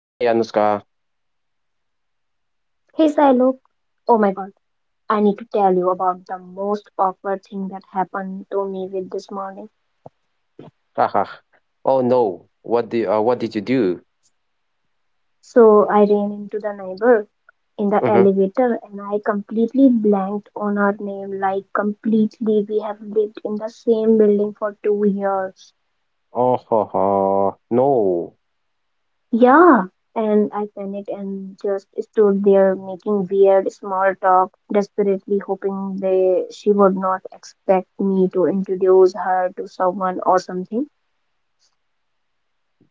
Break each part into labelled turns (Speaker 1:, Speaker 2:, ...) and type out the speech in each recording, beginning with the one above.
Speaker 1: Hey Anushka.
Speaker 2: He's I look, oh my god, I need to tell you about the most awkward thing that happened to me with this morning.
Speaker 1: Haha. Oh no. What do what did you do?
Speaker 2: So I ran into the neighbor in the
Speaker 1: Hmm.
Speaker 2: elevator and I completely blanked on her name, like completely we have lived in the same building for 2 years.
Speaker 1: Oh ho, ho. No.
Speaker 2: Yeah. And I panicked and just stood there making weird small talk, desperately hoping they she would not expect me to introduce her to someone or something.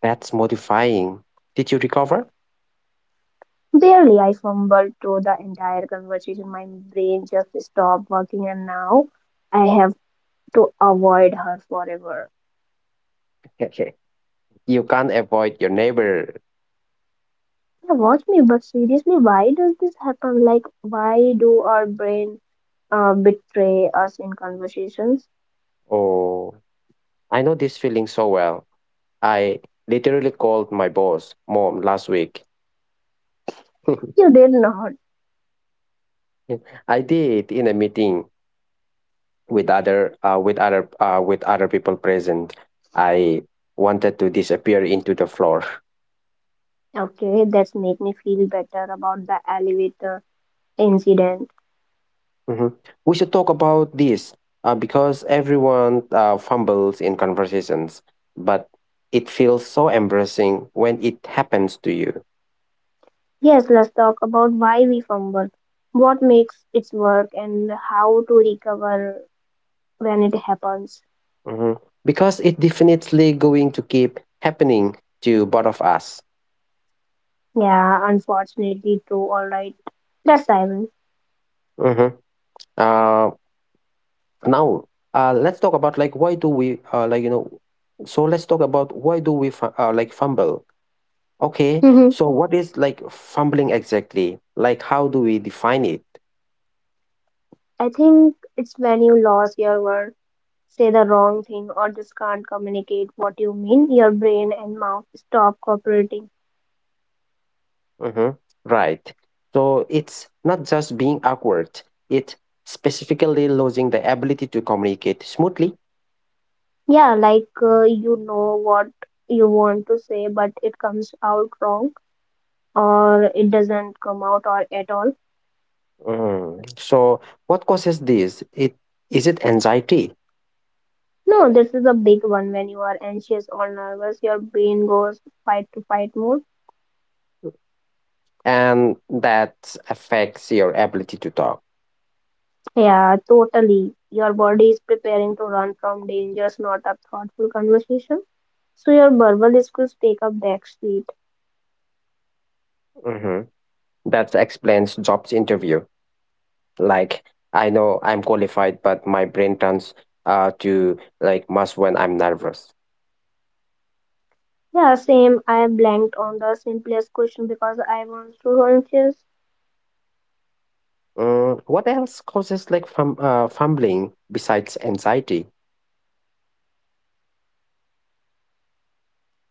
Speaker 1: That's mortifying. Did you recover?
Speaker 2: Barely, I fumbled through the entire conversation. My brain just stopped working, and now I have to avoid her forever.
Speaker 1: You can't avoid your neighbor.
Speaker 2: Yeah, watch me, but seriously, why does this happen? Like, why do our brain betray us in conversations?
Speaker 1: Oh, I know this feeling so well. I literally called my boss mom last week.
Speaker 2: You did not.
Speaker 1: I did, in a meeting. With other with other with other people present. I wanted to disappear into the floor.
Speaker 2: Okay, that's make me feel better about the elevator incident.
Speaker 1: Mhm. We should talk about this, because everyone fumbles in conversations, but it feels so embarrassing when it happens to you.
Speaker 2: Yes, let's talk about why we fumble, what makes it work, and how to recover when it happens.
Speaker 1: Mhm. Because it definitely going to keep happening to both of us.
Speaker 2: Yeah, unfortunately true. All right. Let's dive in.
Speaker 1: Mhm. uh, Now, let's talk about like why do we so let's talk about why do we fumble. Okay,
Speaker 2: Mhm.
Speaker 1: so what is like fumbling exactly? Like, how do we define it?
Speaker 2: I think it's when you lose your word, say the wrong thing, or just can't communicate what you mean, your brain and mouth stop cooperating.
Speaker 1: Hmm. Right. So it's not just being awkward, it's specifically losing the ability to communicate smoothly.
Speaker 2: Yeah, like what you want to say, but it comes out wrong, or it doesn't come out or at all.
Speaker 1: Mm. So, what causes this? It is it anxiety,
Speaker 2: No, this is a big one when you are anxious or nervous. Your brain goes fight to fight mode.
Speaker 1: and that affects your ability to talk?
Speaker 2: Yeah, totally. Your body is preparing to run from dangers, not a thoughtful conversation. So your verbal skills take up back seat.
Speaker 1: Hmm. That explains jobs interview. Like, I know I'm qualified, but my brain turns to like must when I'm nervous.
Speaker 2: Yeah, same. I blanked on the simplest question because I was too anxious.
Speaker 1: Mm, what else causes like fumbling besides anxiety?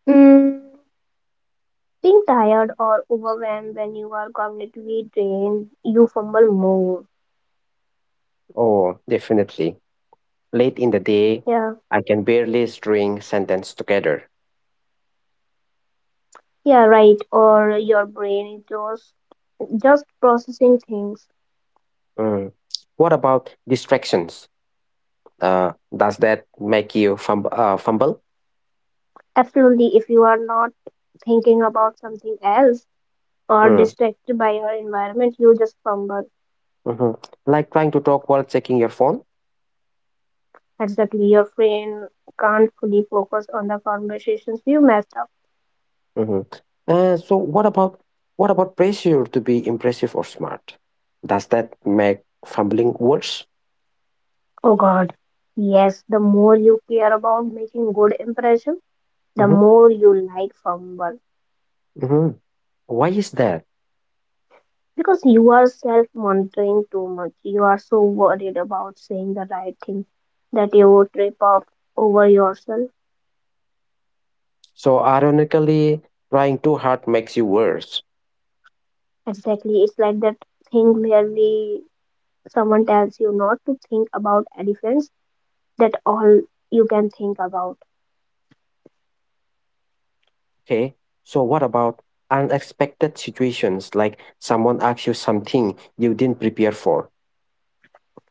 Speaker 2: Mm, being tired or overwhelmed when you are cognitively drained, you fumble more.
Speaker 1: Oh, definitely. Late in the day,
Speaker 2: Yeah,
Speaker 1: I can barely string sentence together.
Speaker 2: yeah, right. Or your brain is just processing things.
Speaker 1: Mm. What about distractions? Does that make you fumble?
Speaker 2: Absolutely, if you are not thinking about something else or
Speaker 1: Mm.
Speaker 2: distracted by your environment, you just fumble.
Speaker 1: Hmm. Like trying to talk while checking your phone?
Speaker 2: Exactly, your brain can't fully focus on the conversations you messed up.
Speaker 1: Hmm. Uh, so what about what about pressure to be impressive or smart? Does that make fumbling worse?
Speaker 2: Oh God, yes, the more you care about making good impression, the
Speaker 1: hmm
Speaker 2: more you like fumble.
Speaker 1: hmm Why is that?
Speaker 2: Because you are self-monitoring too much. You are so worried about saying the right thing that you would trip up over yourself.
Speaker 1: So ironically, trying too hard makes you worse.
Speaker 2: Exactly, it's like that thing where we someone tells you not to think about elephants that all you can think about.
Speaker 1: Okay. So what about unexpected situations, like someone asks you something you didn't prepare for?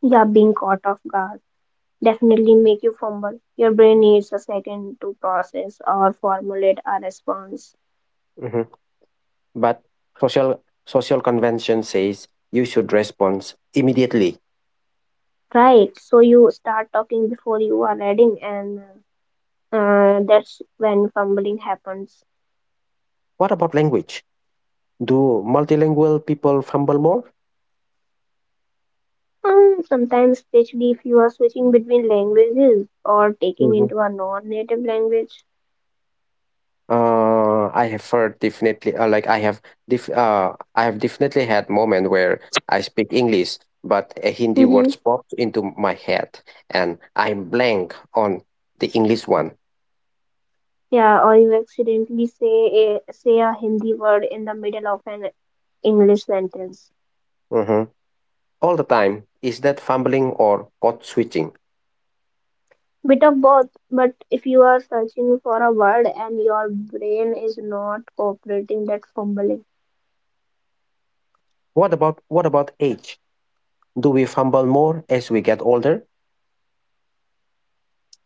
Speaker 2: Yeah, being caught off guard definitely make you fumble. Your brain needs a second to process or formulate a response.
Speaker 1: Mhm. But social convention says you should respond immediately.
Speaker 2: Right, so you start talking before you are ready, and that's when fumbling happens.
Speaker 1: What about language? Do multilingual people fumble more?
Speaker 2: Sometimes, especially if you are switching between languages or taking into a non-native language.
Speaker 1: I have heard, definitely. Like I have I have definitely had moment where I speak English, but a Hindi
Speaker 2: Hmm.
Speaker 1: words pops into my head, and I'm blank on the English one.
Speaker 2: Yeah, or you accidentally say a Hindi word in the middle of an English sentence.
Speaker 1: Mhm. All the time. Is that fumbling or code switching?
Speaker 2: Bit of both, but if you are searching for a word and your brain is not cooperating, that's fumbling.
Speaker 1: What about age? Do we fumble more as we get older?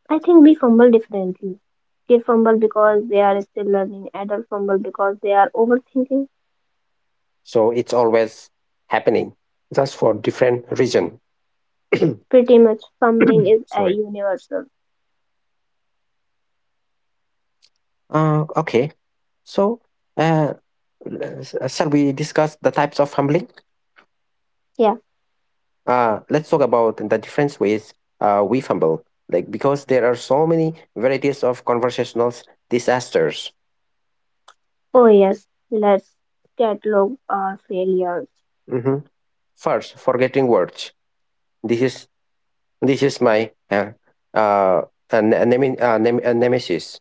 Speaker 2: I think we fumble differently. Kids fumble because they are still learning. Adults fumble because they are overthinking.
Speaker 1: So it's always happening, just for different reason.
Speaker 2: Pretty much, fumbling is a
Speaker 1: Sorry.
Speaker 2: universal.
Speaker 1: Okay. So. Uh, Shall we discuss the types of fumbling?
Speaker 2: Yeah.
Speaker 1: Let's talk about the different ways we fumble, like because there are so many varieties of conversational disasters.
Speaker 2: Oh yes. Let's catalog our failures.
Speaker 1: Mhm. First, forgetting words. This is this is my uh, a ne- a nemi- nem- a nemesis.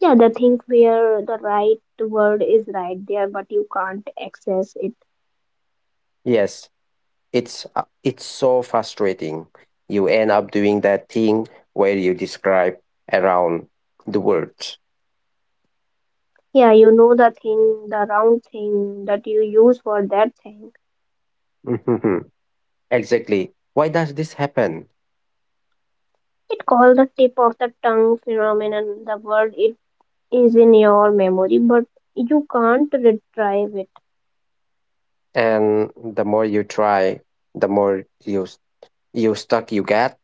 Speaker 2: Yeah, the thing where the right word is right there, but you can't access it.
Speaker 1: Yes, it's so frustrating. You end up doing that thing where you describe around the words.
Speaker 2: Yeah, you know the thing, the round thing that you use for that thing.
Speaker 1: Mhm. Exactly. Why does this happen?
Speaker 2: It called the tip of the tongue phenomenon. The word it is in your memory, but you can't retrieve it.
Speaker 1: And the more you try, the more you stuck you get.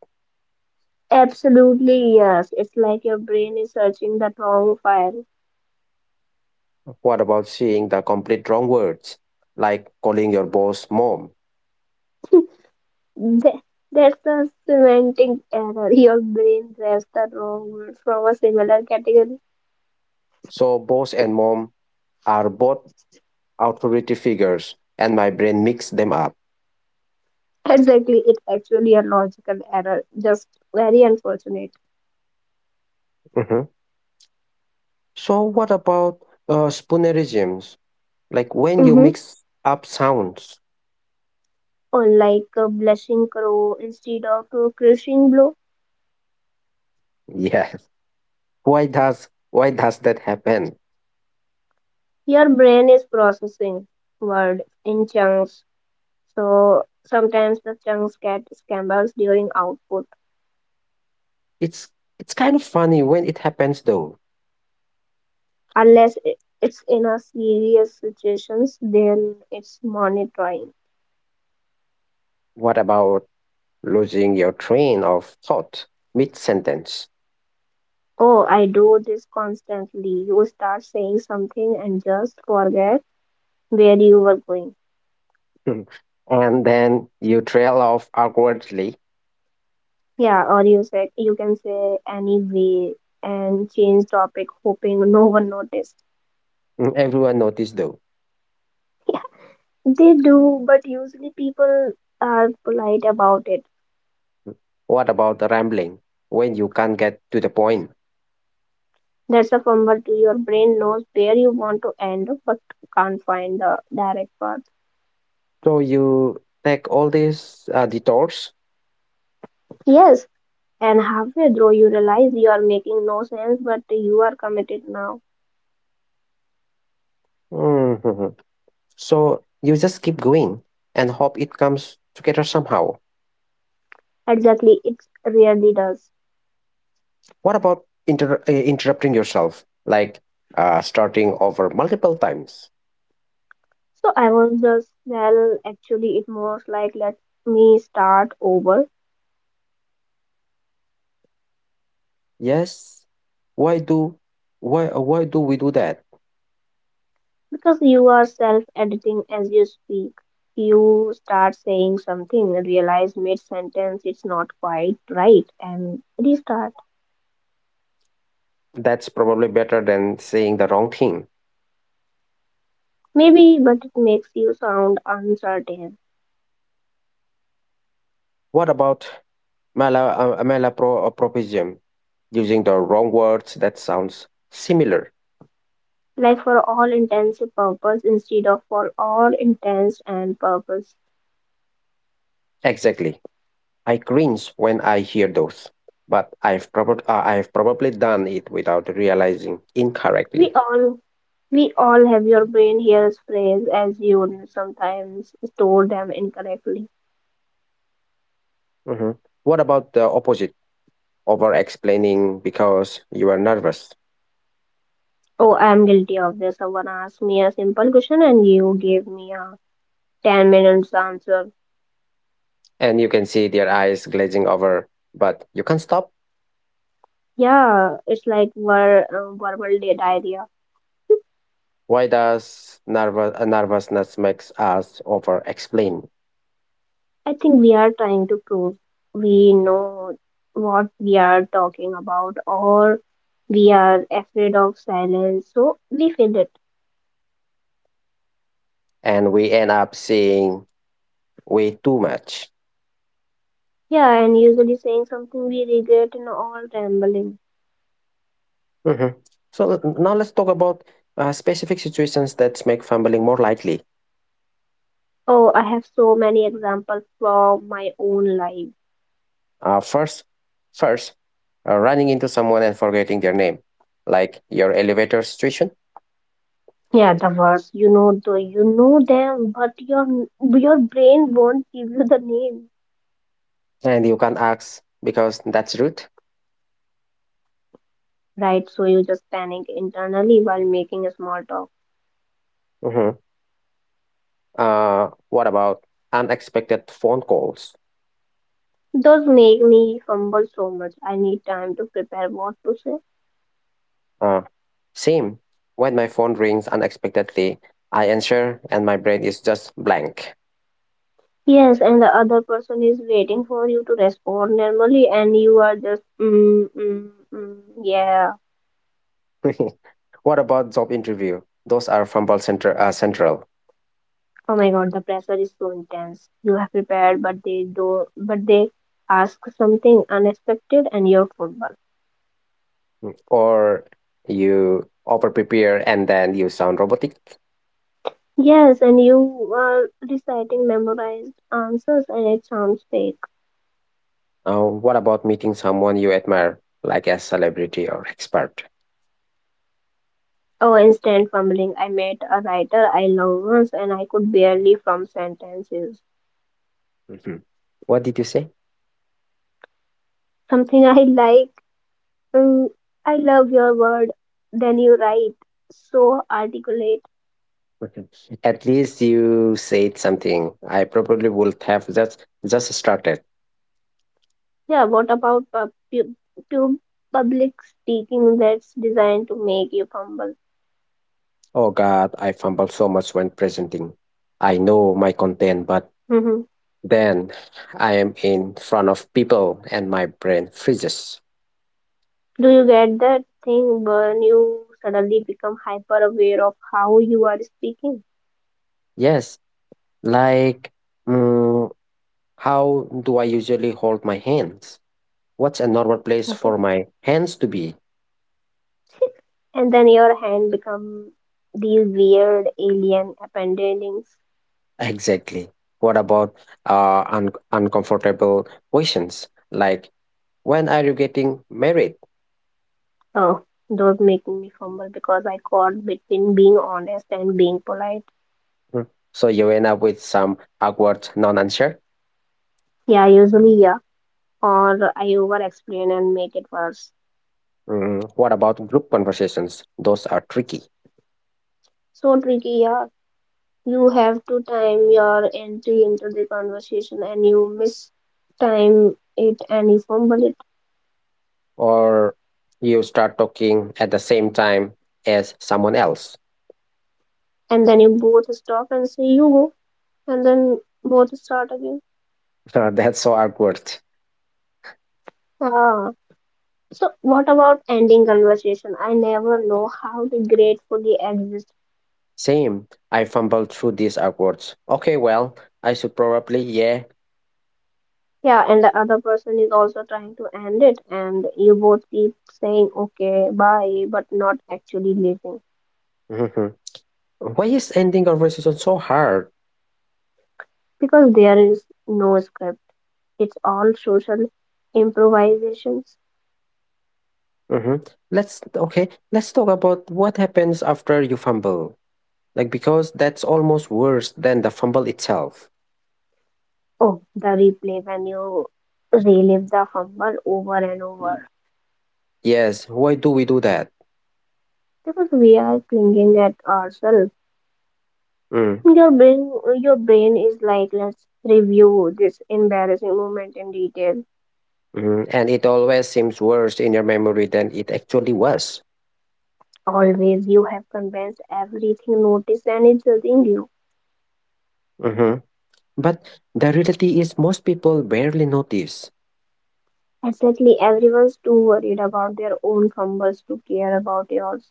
Speaker 2: Absolutely, yes. It's like your brain is searching the wrong file.
Speaker 1: What about seeing the complete wrong words, like calling your boss mom?
Speaker 2: Th- That's the semantic error. Your brain grabs the wrong word from a similar category.
Speaker 1: So boss and mom are both authority figures and my brain mixed them up.
Speaker 2: Exactly, it's actually a logical error. Just very unfortunate.
Speaker 1: Mhm. So what about spoonerisms, like when you
Speaker 2: Mm-hmm.
Speaker 1: mix up sounds?
Speaker 2: Or like a blushing crow instead of a crushing blow.
Speaker 1: Yes, why does that happen?
Speaker 2: Your brain is processing word in chunks, so sometimes the chunks get scrambled during output.
Speaker 1: it's it's kind of funny when it happens though.
Speaker 2: Unless I- It's in a serious situations, then it's monitoring.
Speaker 1: What about losing your train of thought mid sentence?
Speaker 2: Oh, I do this constantly. You start saying something and just forget where you were going.
Speaker 1: And then you trail off awkwardly.
Speaker 2: Yeah, or you say you can say anyway and change topic, hoping no one noticed.
Speaker 1: Mm. Everyone noticed though.
Speaker 2: Yeah, they do, but usually people are polite about it.
Speaker 1: What about the rambling, when you can't get to the point?
Speaker 2: That's a fumble. To your brain knows where you want to end but can't find the direct path.
Speaker 1: So you take all these detours.
Speaker 2: Yes, and halfway through you realize you are making no sense but you are committed now.
Speaker 1: Mhm. So you just keep going and hope it comes together somehow.
Speaker 2: Exactly, it really does.
Speaker 1: What about interrupting yourself, like starting over multiple times?
Speaker 2: So I was just, well, actually, it most like let me start over
Speaker 1: Yes. Why do why do we do that?
Speaker 2: because you are self editing as you speak. You start saying something, realize mid sentence it's not quite right, and restart.
Speaker 1: That's probably better than saying the wrong thing.
Speaker 2: Maybe, but it makes you sound uncertain.
Speaker 1: What about malapropism? Using the wrong words that sounds similar.
Speaker 2: Like for all intents and purpose instead of for all intents and purpose.
Speaker 1: Exactly. I cringe when I hear those, but I've probably done it without realizing
Speaker 2: We
Speaker 1: incorrectly.
Speaker 2: all we all have your brain hears phrase as you sometimes store them incorrectly.
Speaker 1: Mhm. What about the opposite? Over explaining because you are nervous.
Speaker 2: Oh, I'm guilty of this. Someone asked me a simple question and you gave me a 10 minutes answer.
Speaker 1: And you can see their eyes glazing over, but you can't stop.
Speaker 2: Yeah, it's like verbal diarrhea.
Speaker 1: Why does nervous, nervousness makes us over explain?
Speaker 2: I think we are trying to prove we know what we are talking about, or we are afraid of silence, so we feel it.
Speaker 1: And we end up seeing way too much.
Speaker 2: Yeah, and usually saying something we regret and all rambling.
Speaker 1: Mhm. So now let's talk about specific situations that make fumbling more likely.
Speaker 2: Oh, I have so many examples from my own life.
Speaker 1: Uh, first, first, running into someone and forgetting their name, like your elevator situation.
Speaker 2: Yeah, the words you know, though you know them, but your brain won't give you the name,
Speaker 1: And you can't ask because that's rude.
Speaker 2: right? So you just panic internally while making a small talk.
Speaker 1: Mhm. What about unexpected phone calls?
Speaker 2: Those make me fumble so much. I need time to prepare what to say.
Speaker 1: Uh, Same. When my phone rings unexpectedly, I answer and my brain is just blank.
Speaker 2: Yes, and the other person is waiting for you to respond normally, and you are just, mm, mm, mm, yeah.
Speaker 1: What about job interview? Those are fumble central.
Speaker 2: Oh my God, the pressure is so intense. You have prepared, but but they ask something unexpected, and you're football.
Speaker 1: Or you over prepare and then you sound robotic.
Speaker 2: Yes, and you are reciting memorized answers, and it sounds fake.
Speaker 1: What about meeting someone you admire, like a celebrity or expert?
Speaker 2: Oh, instant fumbling. I met a writer I love once, and I could barely form sentences.
Speaker 1: Mhm. What did you say?
Speaker 2: Something I like. Mm, I love your word. Then you write so articulate.
Speaker 1: Mhm. At least you said something. I probably would have just started.
Speaker 2: Yeah, what about pub- public speaking that's designed to make you fumble?
Speaker 1: Oh God, I fumble so much when presenting. I know my content, but
Speaker 2: Hmm.
Speaker 1: then I am in front of people and my brain freezes.
Speaker 2: Do you get that thing when you suddenly become hyper aware of how you are speaking?
Speaker 1: Yes, like mm, how do I usually hold my hands? What's a normal place
Speaker 2: Okay.
Speaker 1: for my hands to be
Speaker 2: And then your hand become these weird alien appendings.
Speaker 1: exactly? What about uncomfortable questions, like when are you getting married?
Speaker 2: Oh, those make me fumble because I caught between being honest and being polite.
Speaker 1: Mm. So you end up with some awkward non answer.
Speaker 2: Yeah, usually, yeah. Or I over explain and make it worse.
Speaker 1: Mm. What about group conversations? Those are tricky.
Speaker 2: So tricky, yeah. You have to time your entry into the conversation and you miss time it and you fumble it.
Speaker 1: Or you start talking at the same time as someone else.
Speaker 2: And then you both stop and say you go. And then both start again.
Speaker 1: That's so awkward.
Speaker 2: Ah. So what about ending conversation? I never know how to gratefully exist.
Speaker 1: Same. I fumbled through these awkward. Okay, well, I should probably, yeah.
Speaker 2: Yeah, and the other person is also trying to end it and you both keep saying okay, bye, but not actually leaving.
Speaker 1: Mhm. Why is ending conversation so hard?
Speaker 2: Because there is no script, it's all social improvisations.
Speaker 1: Hmm. Let's, okay, let's talk about what happens after you fumble. Like, because that's almost worse than the fumble itself.
Speaker 2: Oh, the replay when you relive the fumble over and over.
Speaker 1: Yes, why do we do that?
Speaker 2: Because we are clinging at ourselves.
Speaker 1: Mm.
Speaker 2: Your brain, your brain is like, let's review this embarrassing moment in detail.
Speaker 1: Mhm. And it always seems worse in your memory than it actually was.
Speaker 2: Always you have condensed everything noticed and it's judging you.
Speaker 1: Mhm. But the reality is, most people barely notice.
Speaker 2: Exactly, everyone's too worried about their own fumbles to care about yours.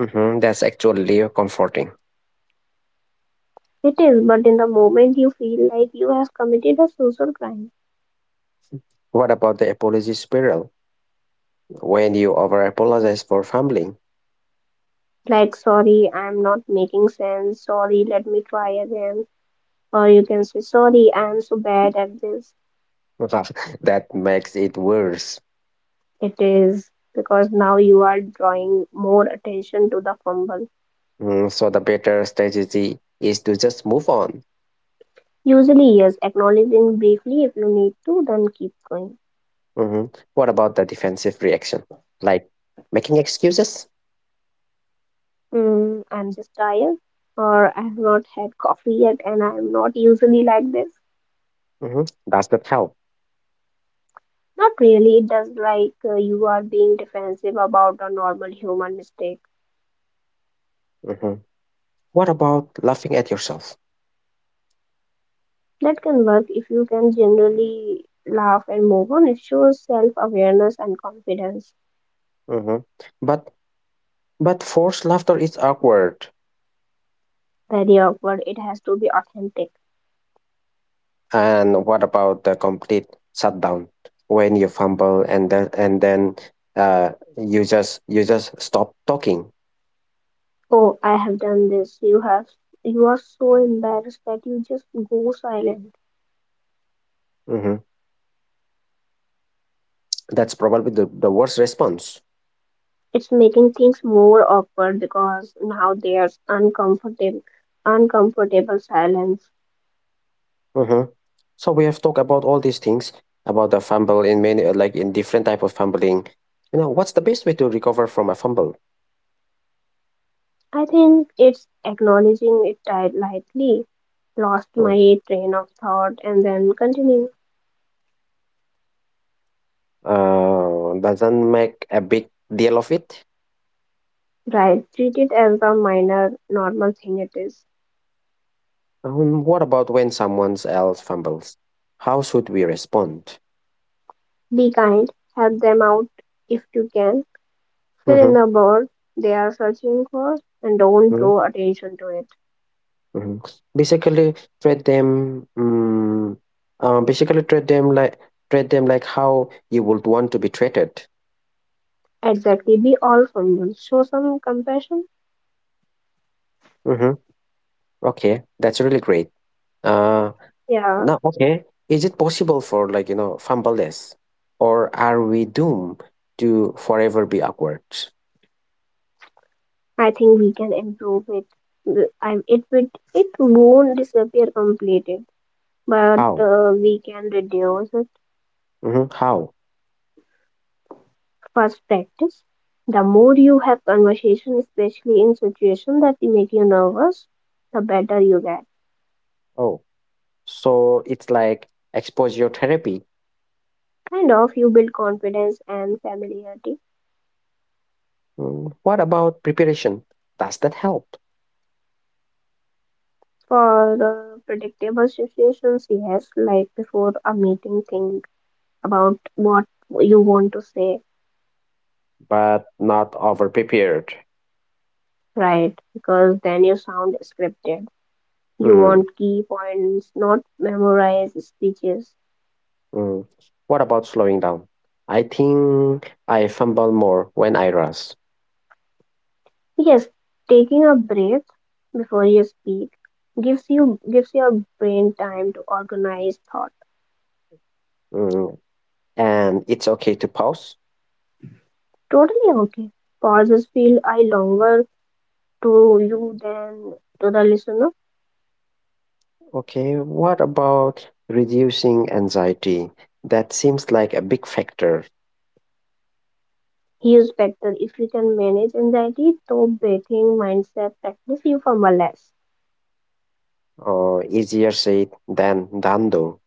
Speaker 1: Mhm. That's actually comforting.
Speaker 2: It is, but in the moment you feel like you have committed a social crime.
Speaker 1: What about the apology spiral? When you over apologize for fumbling,
Speaker 2: Like, sorry, I'm not making sense. Sorry, let me try again. Or you can say, sorry, I'm so bad at this.
Speaker 1: that makes it worse.
Speaker 2: It is because now you are drawing more attention to the fumble.
Speaker 1: Mm, so, the better strategy is to just move on.
Speaker 2: Usually, yes, acknowledging briefly if you need to, then keep going.
Speaker 1: Mhm. What about the defensive reaction? Like making excuses?
Speaker 2: Mm, I'm just tired, or I have not had coffee yet, and I'm not usually like this.
Speaker 1: Mhm. Does that help?
Speaker 2: Not really. It does like you are being defensive about a normal human mistake.
Speaker 1: Mhm. What about laughing at yourself?
Speaker 2: That can work if you can generally laugh and move on. It shows self awareness and confidence.
Speaker 1: Hmm. But but forced laughter is awkward.
Speaker 2: Very awkward. It has to be authentic.
Speaker 1: And what about the complete shutdown, when you fumble and then uh, you just stop talking?
Speaker 2: Oh, I have done this. You have. You are so embarrassed that you just go silent.
Speaker 1: Hmm. That's probably the worst response.
Speaker 2: It's making things more awkward because now there's uncomfortable silence.
Speaker 1: Hmm. So we have talked about all these things about the fumble in many, like in different type of fumbling. You know what's the best way to recover from a fumble?
Speaker 2: I think it's acknowledging it lightly lost
Speaker 1: Mm.
Speaker 2: my train of thought and then continue.
Speaker 1: Doesn't make a big deal of it.
Speaker 2: Right, treat it as the minor, normal thing it is.
Speaker 1: What about when someone else fumbles? How should we respond?
Speaker 2: Be kind, help them out if you can. Fill in
Speaker 1: Mm-hmm.
Speaker 2: the board they are searching for and don't
Speaker 1: Mm-hmm.
Speaker 2: draw attention to it.
Speaker 1: Hmm. Basically, treat them. Uh, basically, treat them like Treat them like how you would want to be treated.
Speaker 2: Exactly, be all humble, show some compassion.
Speaker 1: Mm-hmm. Okay, that's really great. Uh,
Speaker 2: Yeah,
Speaker 1: Now, okay, is it possible for like you know fumbleless, or are we doomed to forever be awkward?
Speaker 2: I think we can improve it. W- I, it, it, it won't disappear completely, but
Speaker 1: How?
Speaker 2: we can reduce it.
Speaker 1: Mm-hmm. How?
Speaker 2: First practice. The more you have conversation, especially in situations that make you nervous, the better you get.
Speaker 1: Oh, so it's like exposure therapy.
Speaker 2: Kind of, you build confidence and familiarity.
Speaker 1: Mm. What about preparation? Does that help?
Speaker 2: For predictable situations, yes, like before a meeting, think about what you want to say,
Speaker 1: But not over prepared.
Speaker 2: right? Because then you sound scripted. You
Speaker 1: Mm.
Speaker 2: want key points, not memorized speeches.
Speaker 1: Mm. What about slowing down? I think I fumble more when I rush.
Speaker 2: Yes, taking a breath before you speak gives your brain time to organize thought.
Speaker 1: Mm. And it's okay to pause.
Speaker 2: Totally okay. Pauses feel I longer to you than to the listener.
Speaker 1: Okay, what about reducing anxiety? That seems like a big factor,
Speaker 2: Huge factor if you can manage anxiety through breathing mindset practice you for less.
Speaker 1: or easier said than done though.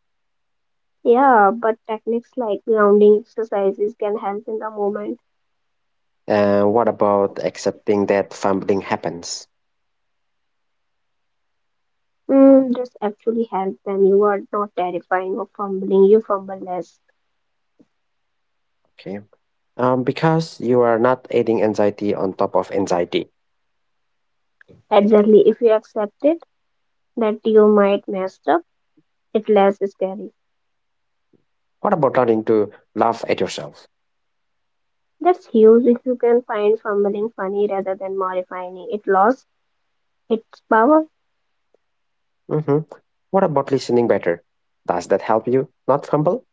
Speaker 2: Yeah, but techniques like grounding exercises can help in the moment.
Speaker 1: And what about accepting that fumbling happens?
Speaker 2: Mm, this actually helps when you are not terrifying or fumbling. You fumble less.
Speaker 1: Okay. Because you are not adding anxiety on top of anxiety.
Speaker 2: Exactly. If you accept it that you might mess up, it's less scary.
Speaker 1: What about learning to laugh at yourself?
Speaker 2: That's huge if you can find fumbling funny rather than mortifying. It lost its power.
Speaker 1: Hmm. What about listening better? Does that help you not fumble?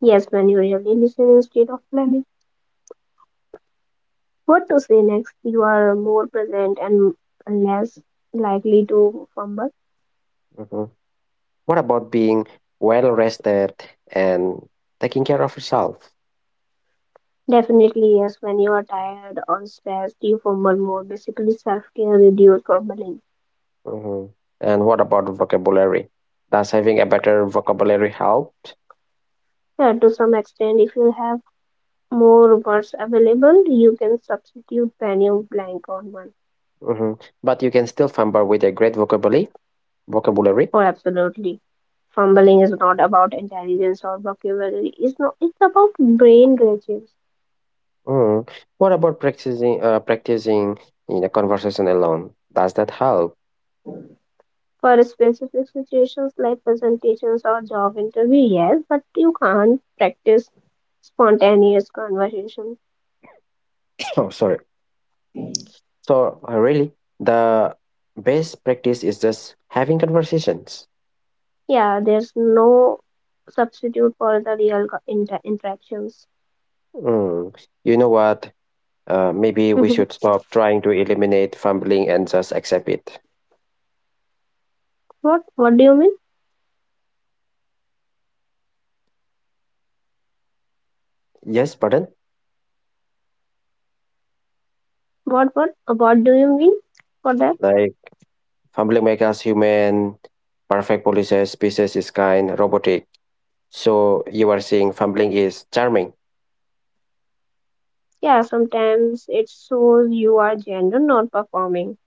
Speaker 2: Yes, when you really listen instead of planning what to say next, you are more present and less likely to fumble.
Speaker 1: Hmm. What about being well rested and taking care of yourself?
Speaker 2: Definitely, yes, when you are tired or stressed, you fumble more. Basically, self care reduces fumbling.
Speaker 1: Hmm. And what about vocabulary? Does having a better vocabulary help?
Speaker 2: Yeah, to some extent, if you have more words available, you can substitute when you blank on one.
Speaker 1: Hmm. But you can still fumble with a great vocabulary. Vocabulary.
Speaker 2: Oh, absolutely. Fumbling is not about intelligence or vocabulary. It's not. It's about brain glitches
Speaker 1: Mm. What about practicing? Practicing in a conversation alone. Does that help?
Speaker 2: for specific situations like presentations or job interview. Yes, but you can't practice spontaneous conversation.
Speaker 1: Oh, sorry. So really, the best practice is just having conversations.
Speaker 2: Yeah, there's no substitute for the real interactions.
Speaker 1: Mm. You know what? Maybe we
Speaker 2: Mhm.
Speaker 1: should stop trying to eliminate fumbling and just accept it.
Speaker 2: What? What do you mean?
Speaker 1: Yes, pardon.
Speaker 2: What? What? What do you mean for that?
Speaker 1: Like. Humbling make us human. Perfect policies, species is kind, robotic. So you are saying fumbling is charming.
Speaker 2: Yeah, sometimes it shows you are genuine, not performing.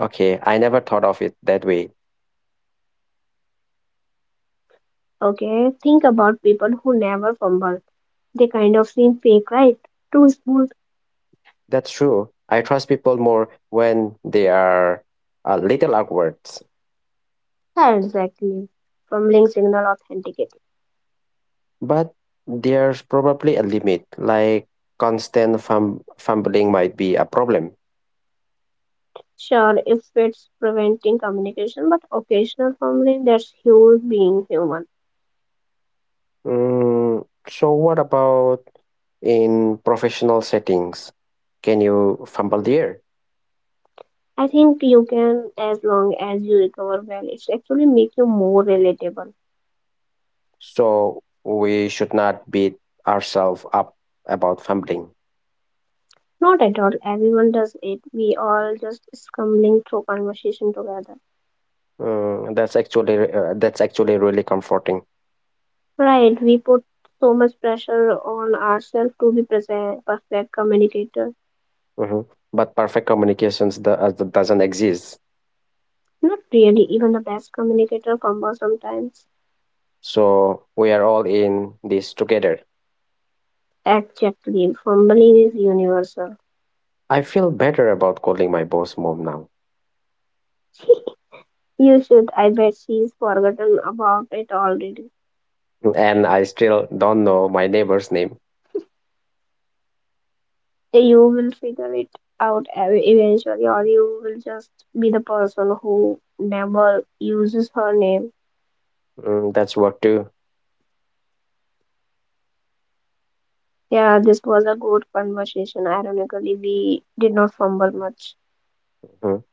Speaker 1: Okay, I never thought of it that way.
Speaker 2: Okay, think about people who never fumble. They kind of seem fake, right? Too smooth.
Speaker 1: That's true. I trust people more when they are a little awkward.
Speaker 2: Yeah, exactly. Fumbling signal authenticated.
Speaker 1: But there's probably a limit, like constant fumbling might be a problem.
Speaker 2: Sure, if it's preventing communication, but occasional fumbling, that's huge being human.
Speaker 1: Mm, so, what about in professional settings? Can you fumble there?
Speaker 2: I think you can, as long as you recover well, it's actually make you more relatable.
Speaker 1: So we should not beat ourselves up about fumbling.
Speaker 2: Not at all. Everyone does it. We all just stumbling through conversation together.
Speaker 1: Mm, that's actually really comforting.
Speaker 2: Right, we put so much pressure on ourselves to be present, perfect communicator.
Speaker 1: Mhm. But perfect communications doesn't exist.
Speaker 2: Not really, even the best communicator fumbles sometimes.
Speaker 1: So we are all in this together.
Speaker 2: Exactly, fumbling is universal.
Speaker 1: I feel better about calling my boss mom now.
Speaker 2: You should, I bet she's forgotten about it already.
Speaker 1: And I still don't know my neighbor's name.
Speaker 2: Hey, You will figure it out eventually, or you will just be the person who never uses her name.
Speaker 1: Mm, that's work too.
Speaker 2: Yeah, this was a good conversation. Ironically, we did not fumble much.
Speaker 1: Mhm.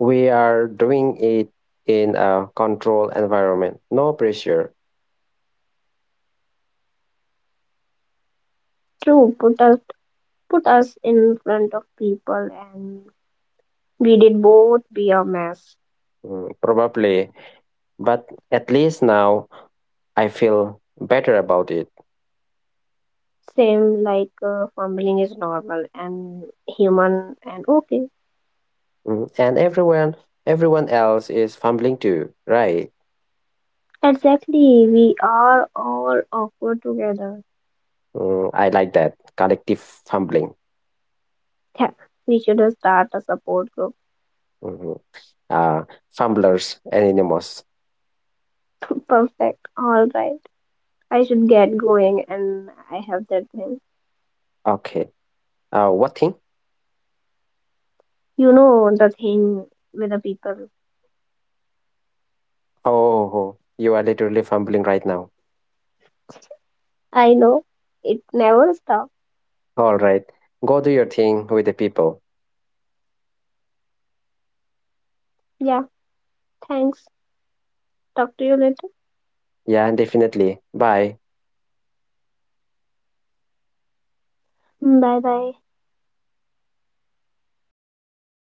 Speaker 1: We are doing it in a controlled environment, no pressure.
Speaker 2: True, put us in front of people and we did both be a mess.
Speaker 1: Mm, probably. But at least now I feel better about it.
Speaker 2: Same like fumbling is normal and human and okay.
Speaker 1: Mm. And everyone else is fumbling too, right?
Speaker 2: Exactly, we are all awkward together.
Speaker 1: Mm, I like that. Collective fumbling.
Speaker 2: Yeah, we should start a support group.
Speaker 1: Mm-hmm. Uh, Fumblers anonymous.
Speaker 2: Perfect. All right. I should get going and I have that thing.
Speaker 1: Okay. What thing?
Speaker 2: You know the thing with the people.
Speaker 1: Oh, you are literally fumbling right now.
Speaker 2: I know. It never stops.
Speaker 1: All right. Go do your thing with the people.
Speaker 2: Yeah, thanks. Talk to you later.
Speaker 1: Yeah, definitely. Bye.
Speaker 2: Bye bye.